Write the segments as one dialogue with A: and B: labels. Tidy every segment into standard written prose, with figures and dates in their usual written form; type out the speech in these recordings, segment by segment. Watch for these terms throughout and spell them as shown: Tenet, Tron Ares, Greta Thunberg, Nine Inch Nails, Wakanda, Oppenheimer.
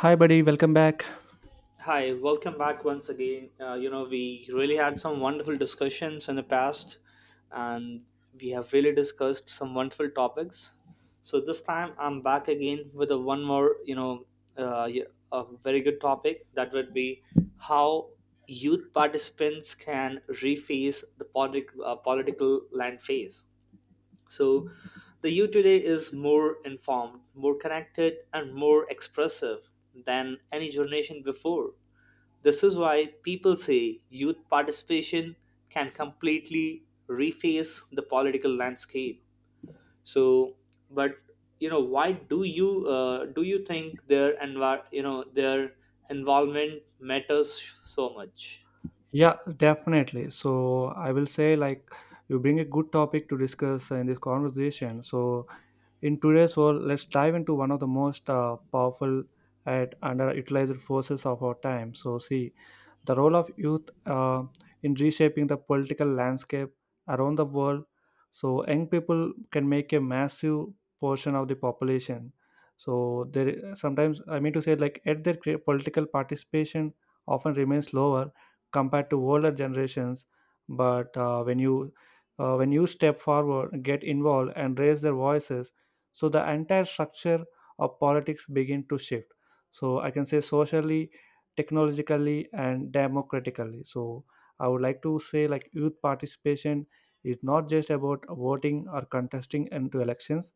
A: Hi, buddy. Welcome back.
B: Hi, welcome back once again. You know, we really had some wonderful discussions in the past, and we have really discussed some wonderful topics. So this time I'm back again with a one more, uh, y- a very good topic that would be how youth participants can reface the political land phase. So the youth today is more informed, more connected, and more expressive than any generation before. This is why people say youth participation can completely reface the political landscape. So, but you know, why do you think their envir- you know their involvement matters so much?
A: Yeah, definitely. So, I will say, you bring a good topic to discuss in this conversation. So, in today's world, let's dive into one of the most powerful and underutilized forces of our time. So, see, the role of youth in reshaping the political landscape around the world. So, young people can make a massive portion of the population. So, there sometimes I mean to say, like at their political participation often remains lower compared to older generations. But when you step forward, get involved, and raise their voices, so the entire structure of politics begin to shift. So I can say socially, technologically, and democratically. So I would like to say, like, youth participation is not just about voting or contesting into elections,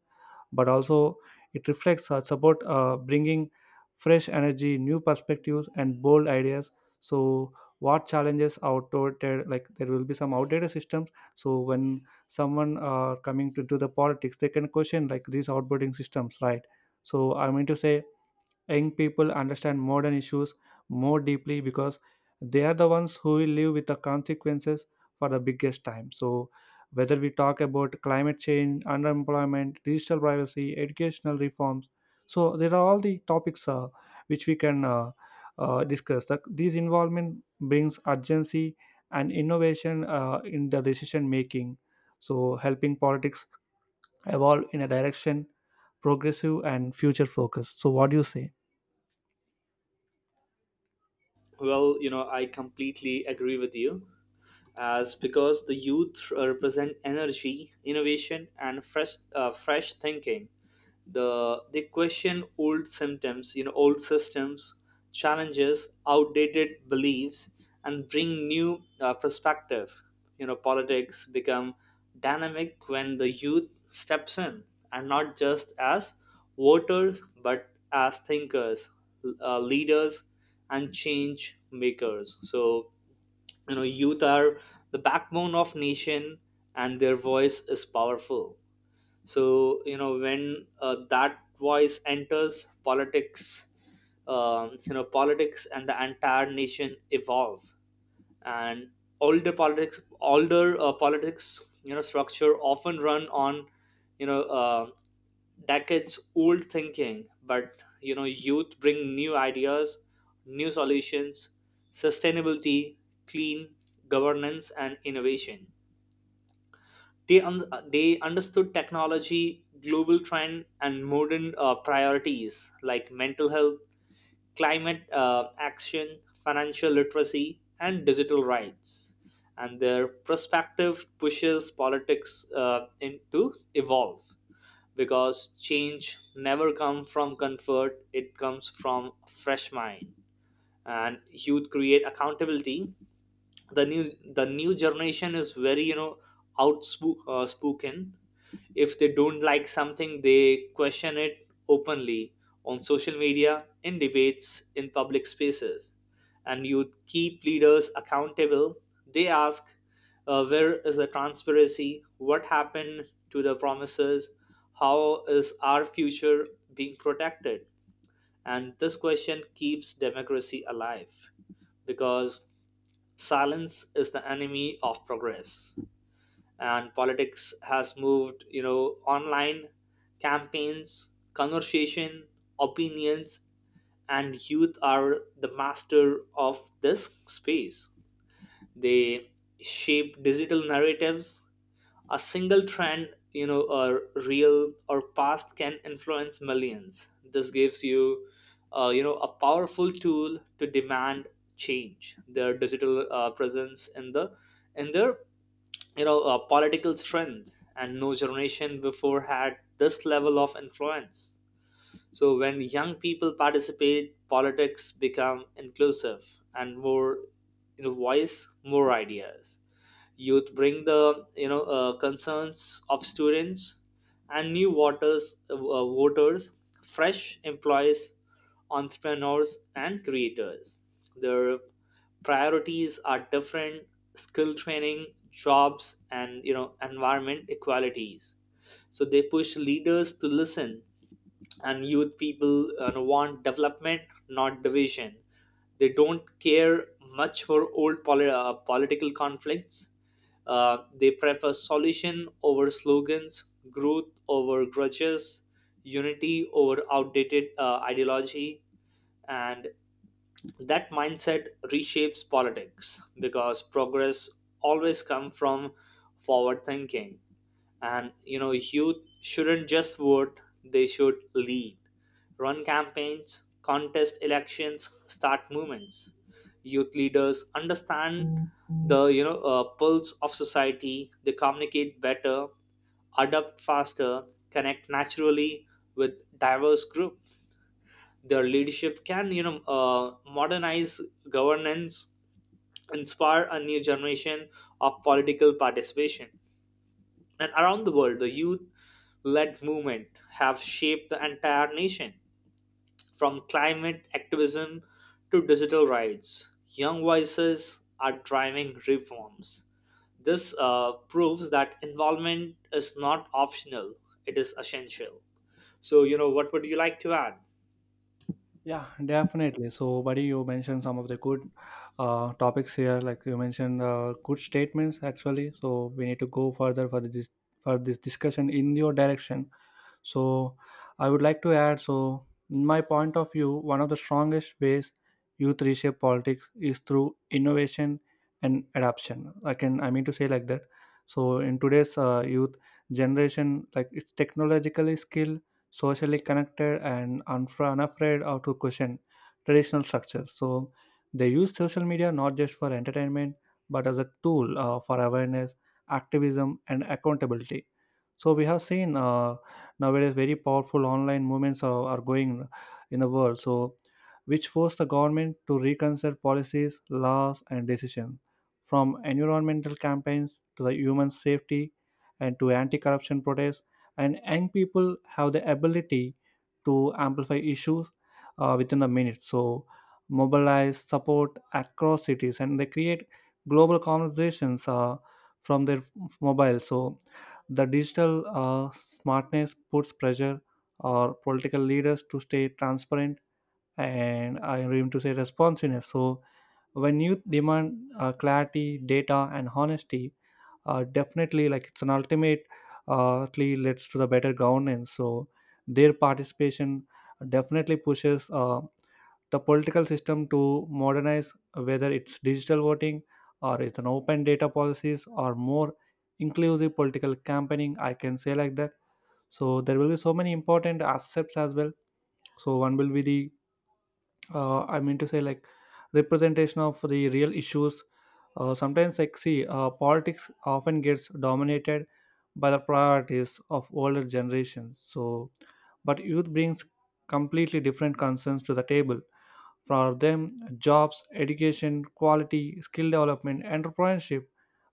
A: but also it reflects our support, bringing fresh energy, new perspectives, and bold ideas. So what challenges outdated, like there will be some outdated systems. So when someone coming to do the politics, they can question like these outdated systems, right? So I mean to say young people understand modern issues more deeply because they are the ones who will live with the consequences for the biggest time. So, whether we talk about climate change, underemployment, digital privacy, educational reforms, so there are all the topics which we can discuss. That this involvement brings urgency and innovation in the decision making, so helping politics evolve in a direction progressive and future focused. So, what do you say?
B: Well, you know, I completely agree with you, as because the youth represent energy, innovation, and fresh thinking. They question old symptoms, you know, old systems, challenges, outdated beliefs, and bring new perspective. You know, politics become dynamic when the youth steps in, and not just as voters but as thinkers, leaders, and change makers. So you know youth are the backbone of nation and their voice is powerful. So you know when that voice enters politics, you know, politics and the entire nation evolve. And older politics, older politics, you know, structure often run on, you know uh, decades old thinking. But you know youth bring new ideas, new solutions, sustainability, clean governance and innovation. They understood technology, global trend and modern priorities like mental health, climate action, financial literacy, and digital rights. And their perspective pushes politics to evolve, because change never comes from comfort, it comes from fresh mind. And youth create accountability. The new generation is very, you know, spoken. If they don't like something, they question it openly on social media, in debates, in public spaces. And you keep leaders accountable. They ask, where is the transparency? What happened to the promises? How is our future being protected? And this question keeps democracy alive, because silence is the enemy of progress. And politics has moved, you know, online. Campaigns, conversation, opinions, and youth are the master of this space. They shape digital narratives. A single trend, you know, or real or past, can influence millions. This gives you, you know, a powerful tool to demand change. Their digital presence in their, you know, political strength, and no generation before had this level of influence. So when young people participate, politics become inclusive, and more, you know, voice, more ideas. Youth bring the, concerns of students and new voters, fresh employees, entrepreneurs and creators. Their priorities are different: skill training, jobs, and, you know, environment equalities. So they push leaders to listen. And youth people want development, not division. They don't care much for old political conflicts. Uh, they prefer solution over slogans, growth over grudges, unity over outdated ideology. And that mindset reshapes politics, because progress always comes from forward thinking. And you know youth shouldn't just vote, they should lead, run campaigns, contest elections, start movements. Youth leaders understand the, pulse of society. They communicate better, adapt faster, connect naturally with diverse group. Their leadership can, modernize governance, inspire a new generation of political participation. And around the world, the youth led movement have shaped the entire nation, from climate activism to digital rights. Young voices are driving reforms. This proves that involvement is not optional, it is essential. So, you know, what would you like to add?
A: Yeah, definitely. So, buddy, you mentioned some of the good topics here. Like you mentioned, good statements actually. So we need to go further for this discussion in your direction. So I would like to add, so, in my point of view, one of the strongest ways youth reshape politics is through innovation and adoption. I mean to say like that. So in today's youth generation, like, it's technologically skilled, socially connected, and unafraid of to question traditional structures. So they use social media not just for entertainment, but as a tool for awareness, activism, and accountability. So we have seen. Nowadays very powerful online movements are going in the world, so which force the government to reconsider policies, laws, and decisions, from environmental campaigns to the human safety and to anti-corruption protests. And young people have the ability to amplify issues within the minute, so mobilize support across cities, and they create global conversations from their mobile. So the digital smartness puts pressure on political leaders to stay transparent and, I am to say, responsiveness. So when you demand clarity, data, and honesty, definitely, like, it's an ultimate ultimately leads to the better governance. So their participation definitely pushes the political system to modernize, whether it's digital voting or it's an open data policies or more inclusive political campaigning. I can say like that. So there will be so many important aspects as well. So one will be the I mean to say, like, representation of the real issues. Sometimes like, see, politics often gets dominated by the priorities of older generations. So but youth brings completely different concerns to the table. For them, jobs, education, quality, skill development, entrepreneurship,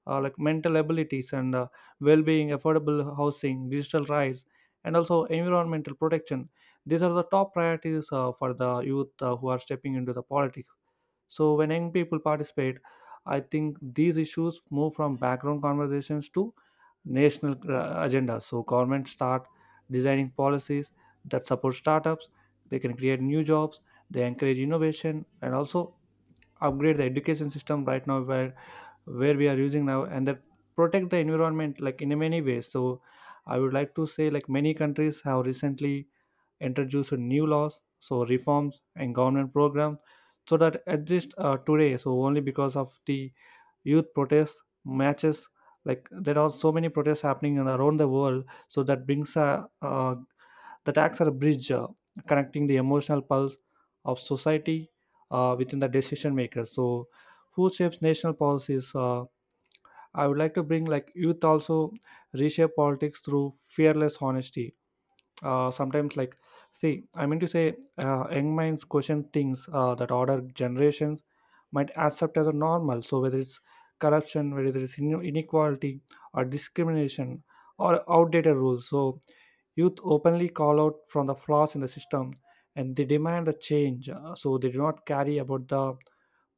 A: like mental abilities and, well-being, affordable housing, digital rights, and also environmental protection. These are the top priorities for the youth who are stepping into the politics. So when young people participate, I think these issues move from background conversations to national agendas. So governments start designing policies that support startups. They can create new jobs. They encourage innovation, and also upgrade the education system right now where we are using now, and that protect the environment, like, in many ways. So I would like to say, like, many countries have recently introduced new laws, so reforms and government programs, so that exist today. So only because of the youth protests, matches, like, there are so many protests happening in- around the world. So that brings a that acts as a bridge connecting the emotional pulse of society within the decision makers. So who shapes national policies? I would like to bring, like, youth also reshape politics through fearless honesty. Sometimes like, see, I mean to say, young minds question things that older generations might accept as a normal. So whether it's corruption, whether it's inequality or discrimination or outdated rules, so youth openly call out from the flaws in the system and they demand a change. So they do not carry about the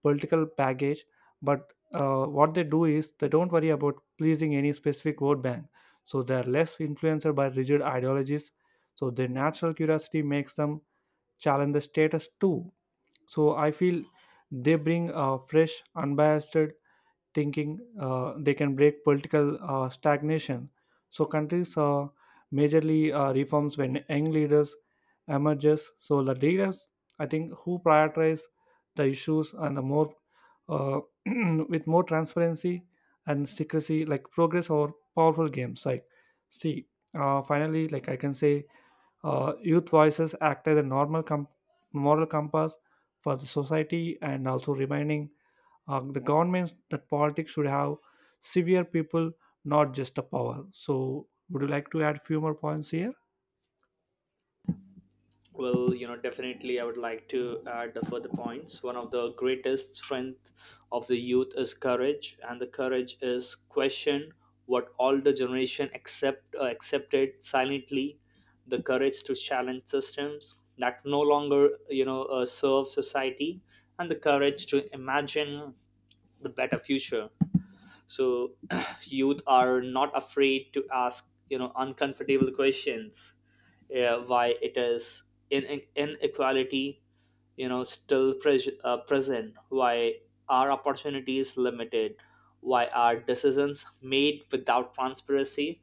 A: political baggage, but, what they do is, they don't worry about pleasing any specific vote bank. So they are less influenced by rigid ideologies. So their natural curiosity makes them challenge the status too. So I feel they bring a fresh unbiased thinking. They can break political stagnation. So countries majorly reforms when young leaders emerges. So the leaders, I think, who prioritize the issues, and the more uh, with more transparency and secrecy, like progress or powerful games. Like, see, finally, like, I can say, youth voices act as a normal moral compass for the society, and also reminding the governments that politics should have severe people, not just the power. So would you like to add few more points here?
B: Well, you know, definitely I would like to add a further points. One of the greatest strength of the youth is courage, and the courage is question what older generation accepted silently, the courage to challenge systems that no longer, serve society, and the courage to imagine the better future. So youth are not afraid to ask, you know, uncomfortable questions. Uh, why it is inequality, you know, still present? Why are opportunities limited? Why are decisions made without transparency?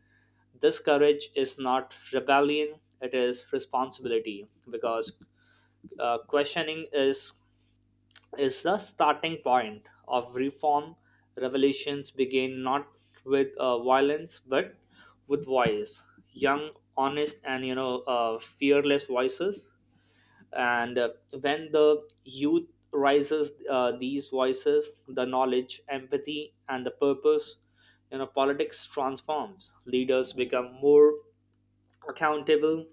B: This courage is not rebellion, it is responsibility, because questioning is the starting point of reform. Revolutions begin not with violence but with voice, young, honest, and, you know, fearless voices. And when the youth rises, these voices, the knowledge, empathy, and the purpose, you know, politics transforms. Leaders become more accountable,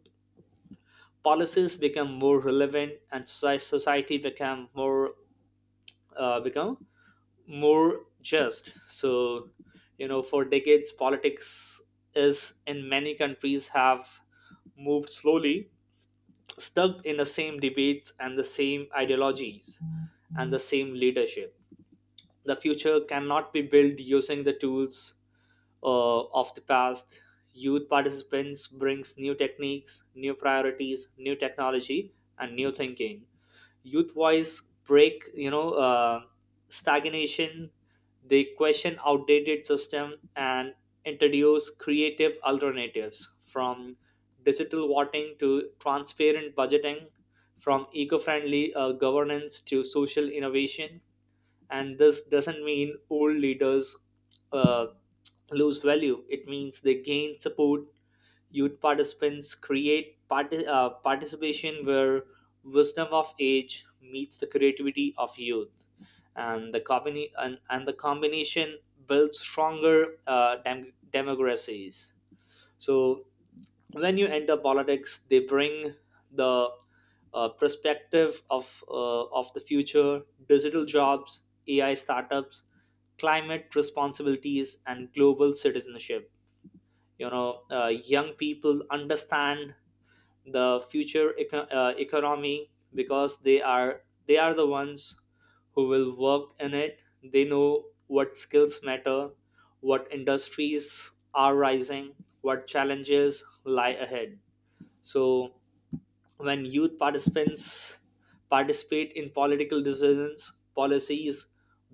B: policies become more relevant, and society become more uh, become more just. So you know for decades politics is, in many countries, have moved slowly, stuck in the same debates and the same ideologies and the same leadership. The future cannot be built using the tools, of the past. Youth participants brings new techniques, new priorities, new technology, and new thinking. Youth voice break, stagnation. They question outdated system and introduce creative alternatives, from digital voting to transparent budgeting, from eco-friendly governance to social innovation. And this doesn't mean old leaders uh, lose value, it means they gain support. Youth participants create participation where wisdom of age meets the creativity of youth, and the combination builds stronger democracies. So when you enter politics, they bring the perspective of the future, digital jobs, AI startups, climate responsibilities, and global citizenship. You know, young people understand the future economy, because they are the ones who will work in it. They know what skills matter, what industries are rising, what challenges lie ahead. So when youth participants participate in political decisions, policies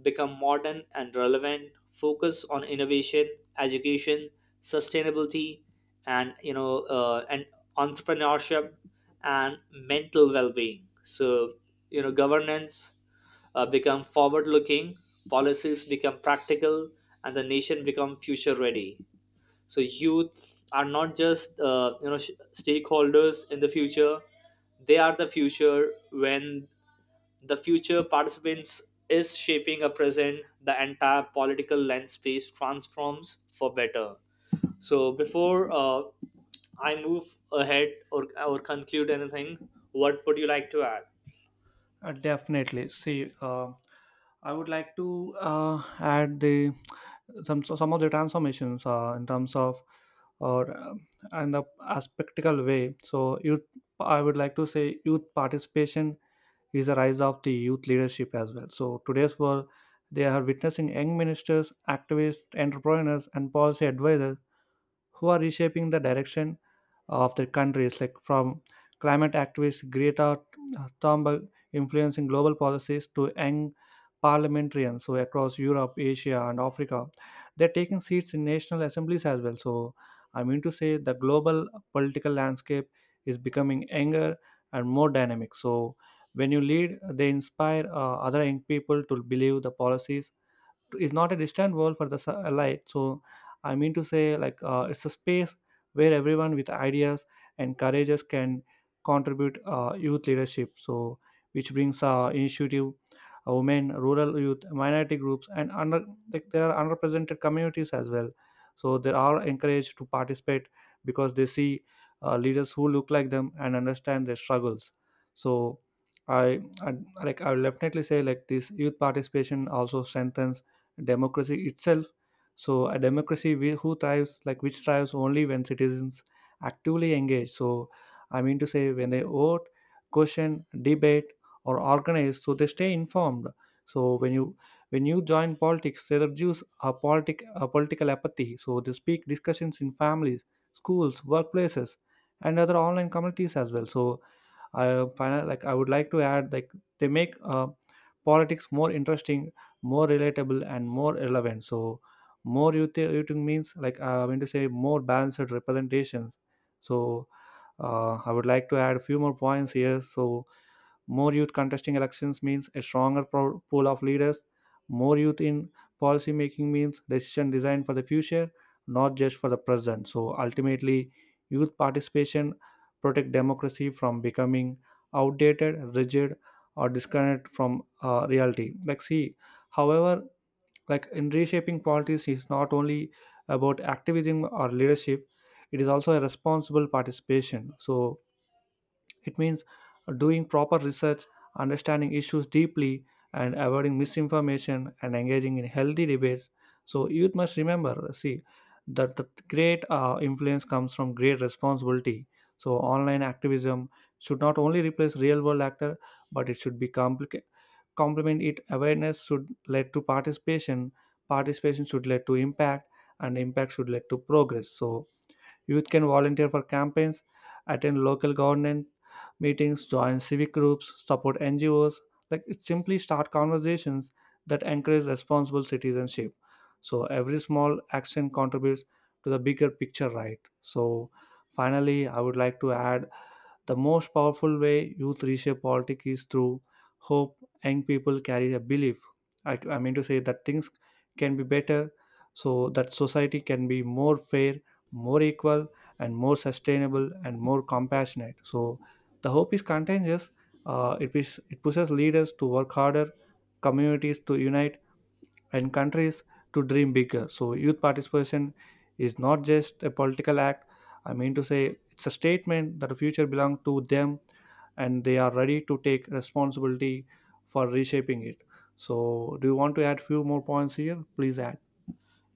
B: become modern and relevant, focus on innovation, education, sustainability, and, entrepreneurship and mental well-being. So, you know, governance become forward looking, policies become practical, and the nation become future ready. So youth are not just, you know, stakeholders in the future, they are the future. When the future participants is shaping a present, the entire political landscape transforms for better. So before I move ahead or conclude anything, what would you like to add?
A: definitely, see, I would like to add the some of the transformations in terms of or and the as practical way. So youth, I would like to say, youth participation is a rise of the youth leadership as well. So today's world, they are witnessing young ministers, activists, entrepreneurs, and policy advisors who are reshaping the direction of their countries, like from climate activist Greta Thunberg influencing global policies to young parliamentarians so across Europe, Asia, and Africa. They're taking seats in national assemblies as well. So I mean to say the global political landscape is becoming younger and more dynamic. So when you lead, they inspire other young people to believe the policies is not a distant world for the light. So I mean to say, like, it's a space where everyone with ideas and courageous can contribute youth leadership, so which brings initiative, women, rural youth, minority groups, and under, like, there are unrepresented communities as well. So they are encouraged to participate because they see leaders who look like them and understand their struggles. So I, like, I will definitely say, like, this youth participation also strengthens democracy itself. So a democracy who thrives, like, which thrives only when citizens actively engage. So I mean to say, when they vote, question, debate, or organize, so they stay informed. So when you join politics, they reduce a political apathy. So they speak discussions in families, schools, workplaces, and other online communities as well. So I final, like, I would like to add, like, they make politics more interesting, more relatable, and more relevant. So more youth eating means, like, I mean to say, more balanced representations. So I would like to add a few more points here. So more youth contesting elections means a stronger pool of leaders. More youth in policy making means decision design for the future, not just for the present. So ultimately, youth participation protect democracy from becoming outdated, rigid, or disconnected from reality. Like, see, however, like, in reshaping politics is not only about activism or leadership; it is also a responsible participation. So it means doing proper research, understanding issues deeply, and avoiding misinformation, and engaging in healthy debates. So, youth must remember, see, that the great influence comes from great responsibility. So, online activism should not only replace real world actor, but it should be complicate complement it. Awareness should lead to participation, participation should lead to impact, and impact should lead to progress. So youth can volunteer for campaigns, attend local government meetings, join civic groups, support NGOs. Like, it simply start conversations that encourage responsible citizenship. So every small action contributes to the bigger picture, right? So finally, I would like to add, the most powerful way youth reshape politics is through hope. Young people carry a belief. I mean to say that things can be better, so that society can be more fair, more equal, and more sustainable and more compassionate. So the hope is contagious. It pushes leaders to work harder, communities to unite, and countries to dream bigger. So, youth participation is not just a political act. I mean to say, it's a statement that the future belongs to them and they are ready to take responsibility for reshaping it. So, do you want to add few more points here? Please add.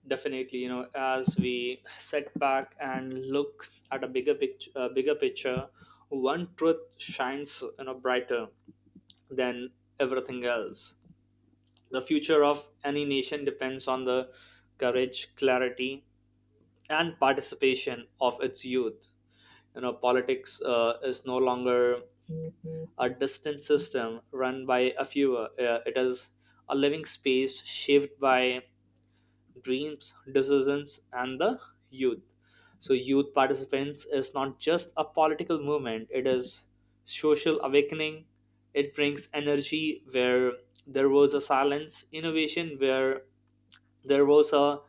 B: Definitely, you know, as we set back and look at a bigger picture, one truth shines, you know, brighter than everything else. The future of any nation depends on the courage, clarity, and participation of its youth. You know, politics is no longer a distant system run by a few. It is a living space shaped by dreams, decisions, and the youth. So, youth participants is not just a political movement, it is social awakening. It brings energy where there was a silence, innovation where there was a,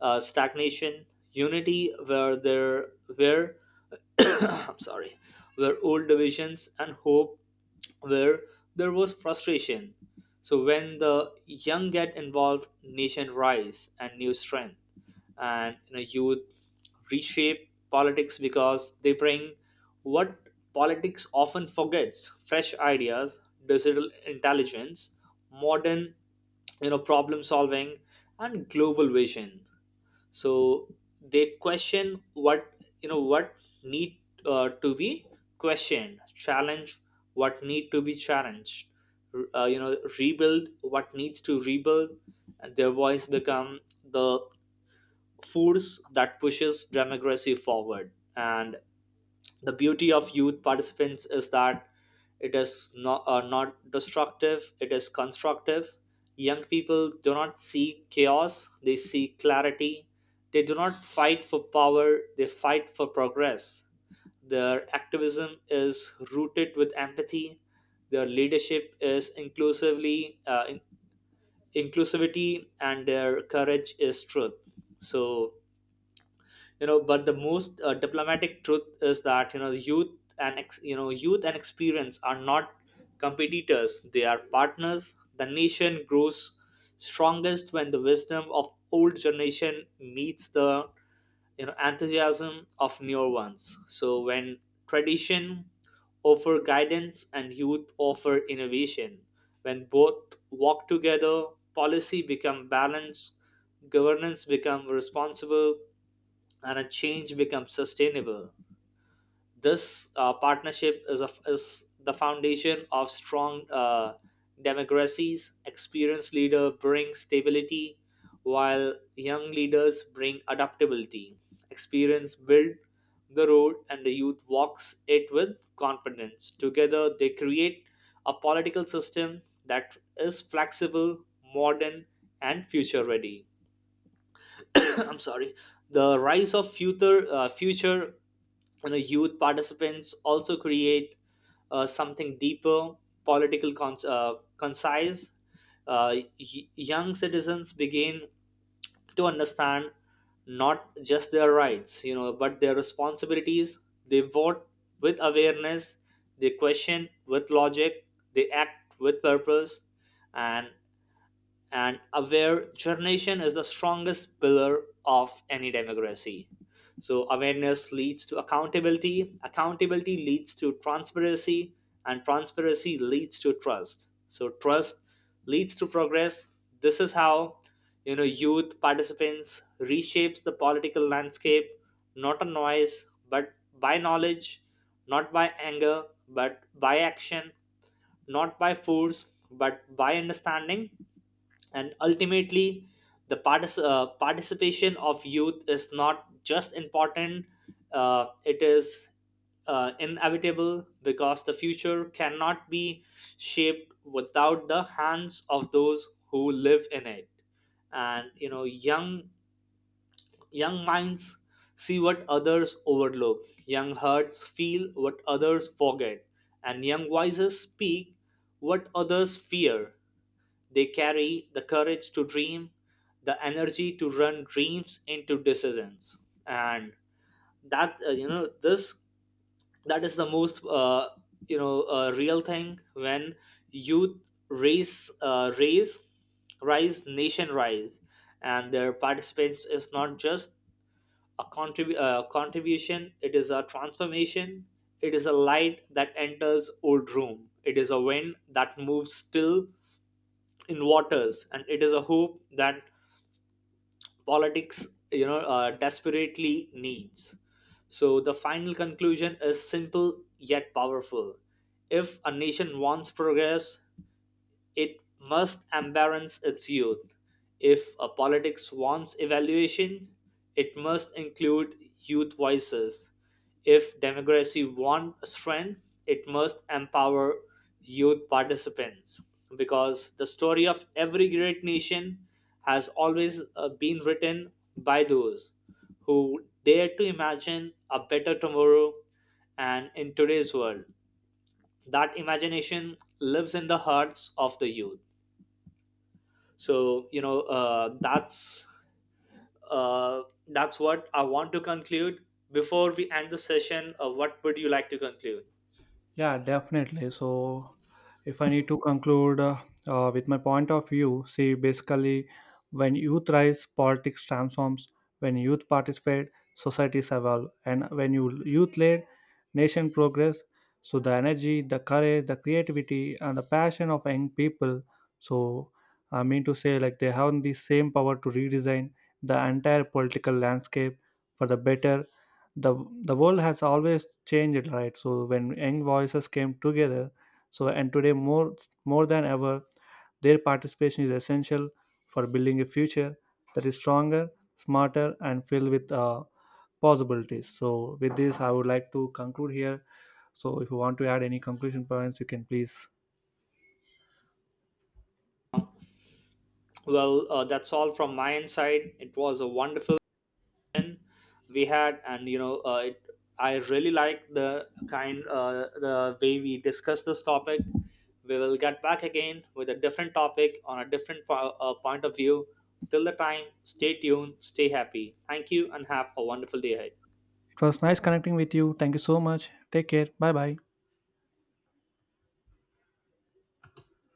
B: uh, stagnation, unity where there were I'm sorry, were old divisions, and hope where there was frustration. So when the young get involved, nation rise and new strength. And, you know, youth reshape politics because they bring what politics often forgets: fresh ideas, digital intelligence, modern, you know, problem solving, and global vision. So they question what, you know, what need, to be questioned, challenge what need to be challenged, you know, rebuild what needs to rebuild. And their voice become the force that pushes democracy forward. And the beauty of youth participants is that it is not destructive, it is constructive. Young people do not seek chaos, they seek clarity. They do not fight for power, they fight for progress. Their activism is rooted with empathy. Their leadership is inclusivity, and their courage is truth. So you know, but the most diplomatic truth is that, you know, youth and youth and experience are not competitors, they are partners. The nation grows strongest when the wisdom of old generation meets the, you know, enthusiasm of newer ones. So when tradition offer guidance and youth offer innovation, when both walk together, policy become balanced, governance become responsible, and a change becomes sustainable. This partnership is the foundation of strong democracies. Experienced leader bring stability, while young leaders bring adaptability. Experience build the road, and the youth walks it with confidence. Together, they create a political system that is flexible, modern, and future ready. I'm sorry. The rise of future, you know, youth participants also create something deeper, political concise, young citizens begin to understand not just their rights, you know, but their responsibilities. They vote with awareness, they question with logic, they act with purpose. and and aware generation is the strongest pillar of any democracy. So awareness leads to accountability, accountability leads to transparency, and transparency leads to trust. So trust leads to progress. This is how, you know, youth participants reshapes the political landscape, not a noise but by knowledge, not by anger but by action, not by force but by understanding. And ultimately the participation of youth is not just important, it is inevitable, because the future cannot be shaped without the hands of those who live in it. And you know young minds see what others overlook, young hearts feel what others forget, and young voices speak what others fear. They carry the courage to dream, the energy to run dreams into decisions. And that uh, you know this that is the most you know, real thing. When youth raise raise rise, nation rise, and their participants is not just a contribution; it is a transformation. It is a light that enters old room. It is a wind that moves still in waters, and it is a hope that politics, you know, desperately needs. So the final conclusion is simple yet powerful. If a nation wants progress, it must embrace its youth. If a politics wants evaluation, it must include youth voices. If democracy wants strength, it must empower youth participants. Because the story of every great nation has always been written by those who dare to imagine a better tomorrow, and in today's world, that imagination lives in the hearts of the youth. So, you know, uh, that's what I want to conclude before we end the session. Uh, what would you like to conclude?
A: Yeah, definitely. So, if I need to conclude with my point of view, see, basically, when youth rise, politics transforms. When youth participate, societies evolve. And when youth lead, nation progress. So the energy, the courage, the creativity, and the passion of young people. So I mean to say, like, they have the same power to redesign the entire political landscape for the better. the the world has always changed, right? So when young voices came together, so and today, more than ever, their participation is essential for building a future that is stronger, smarter, and filled with possibilities. So with this, I would like to conclude here. So if you want to add any conclusion points, you can, please.
B: Well that's all from my end side. It was a wonderful session we had, and, I really like the kind the way we discuss this topic. We will get back again with a different topic on a different point of view. Till the time, stay tuned, stay happy, thank you and have a wonderful day ahead.
A: It was nice connecting with you. Thank you so much. Take care. Bye bye.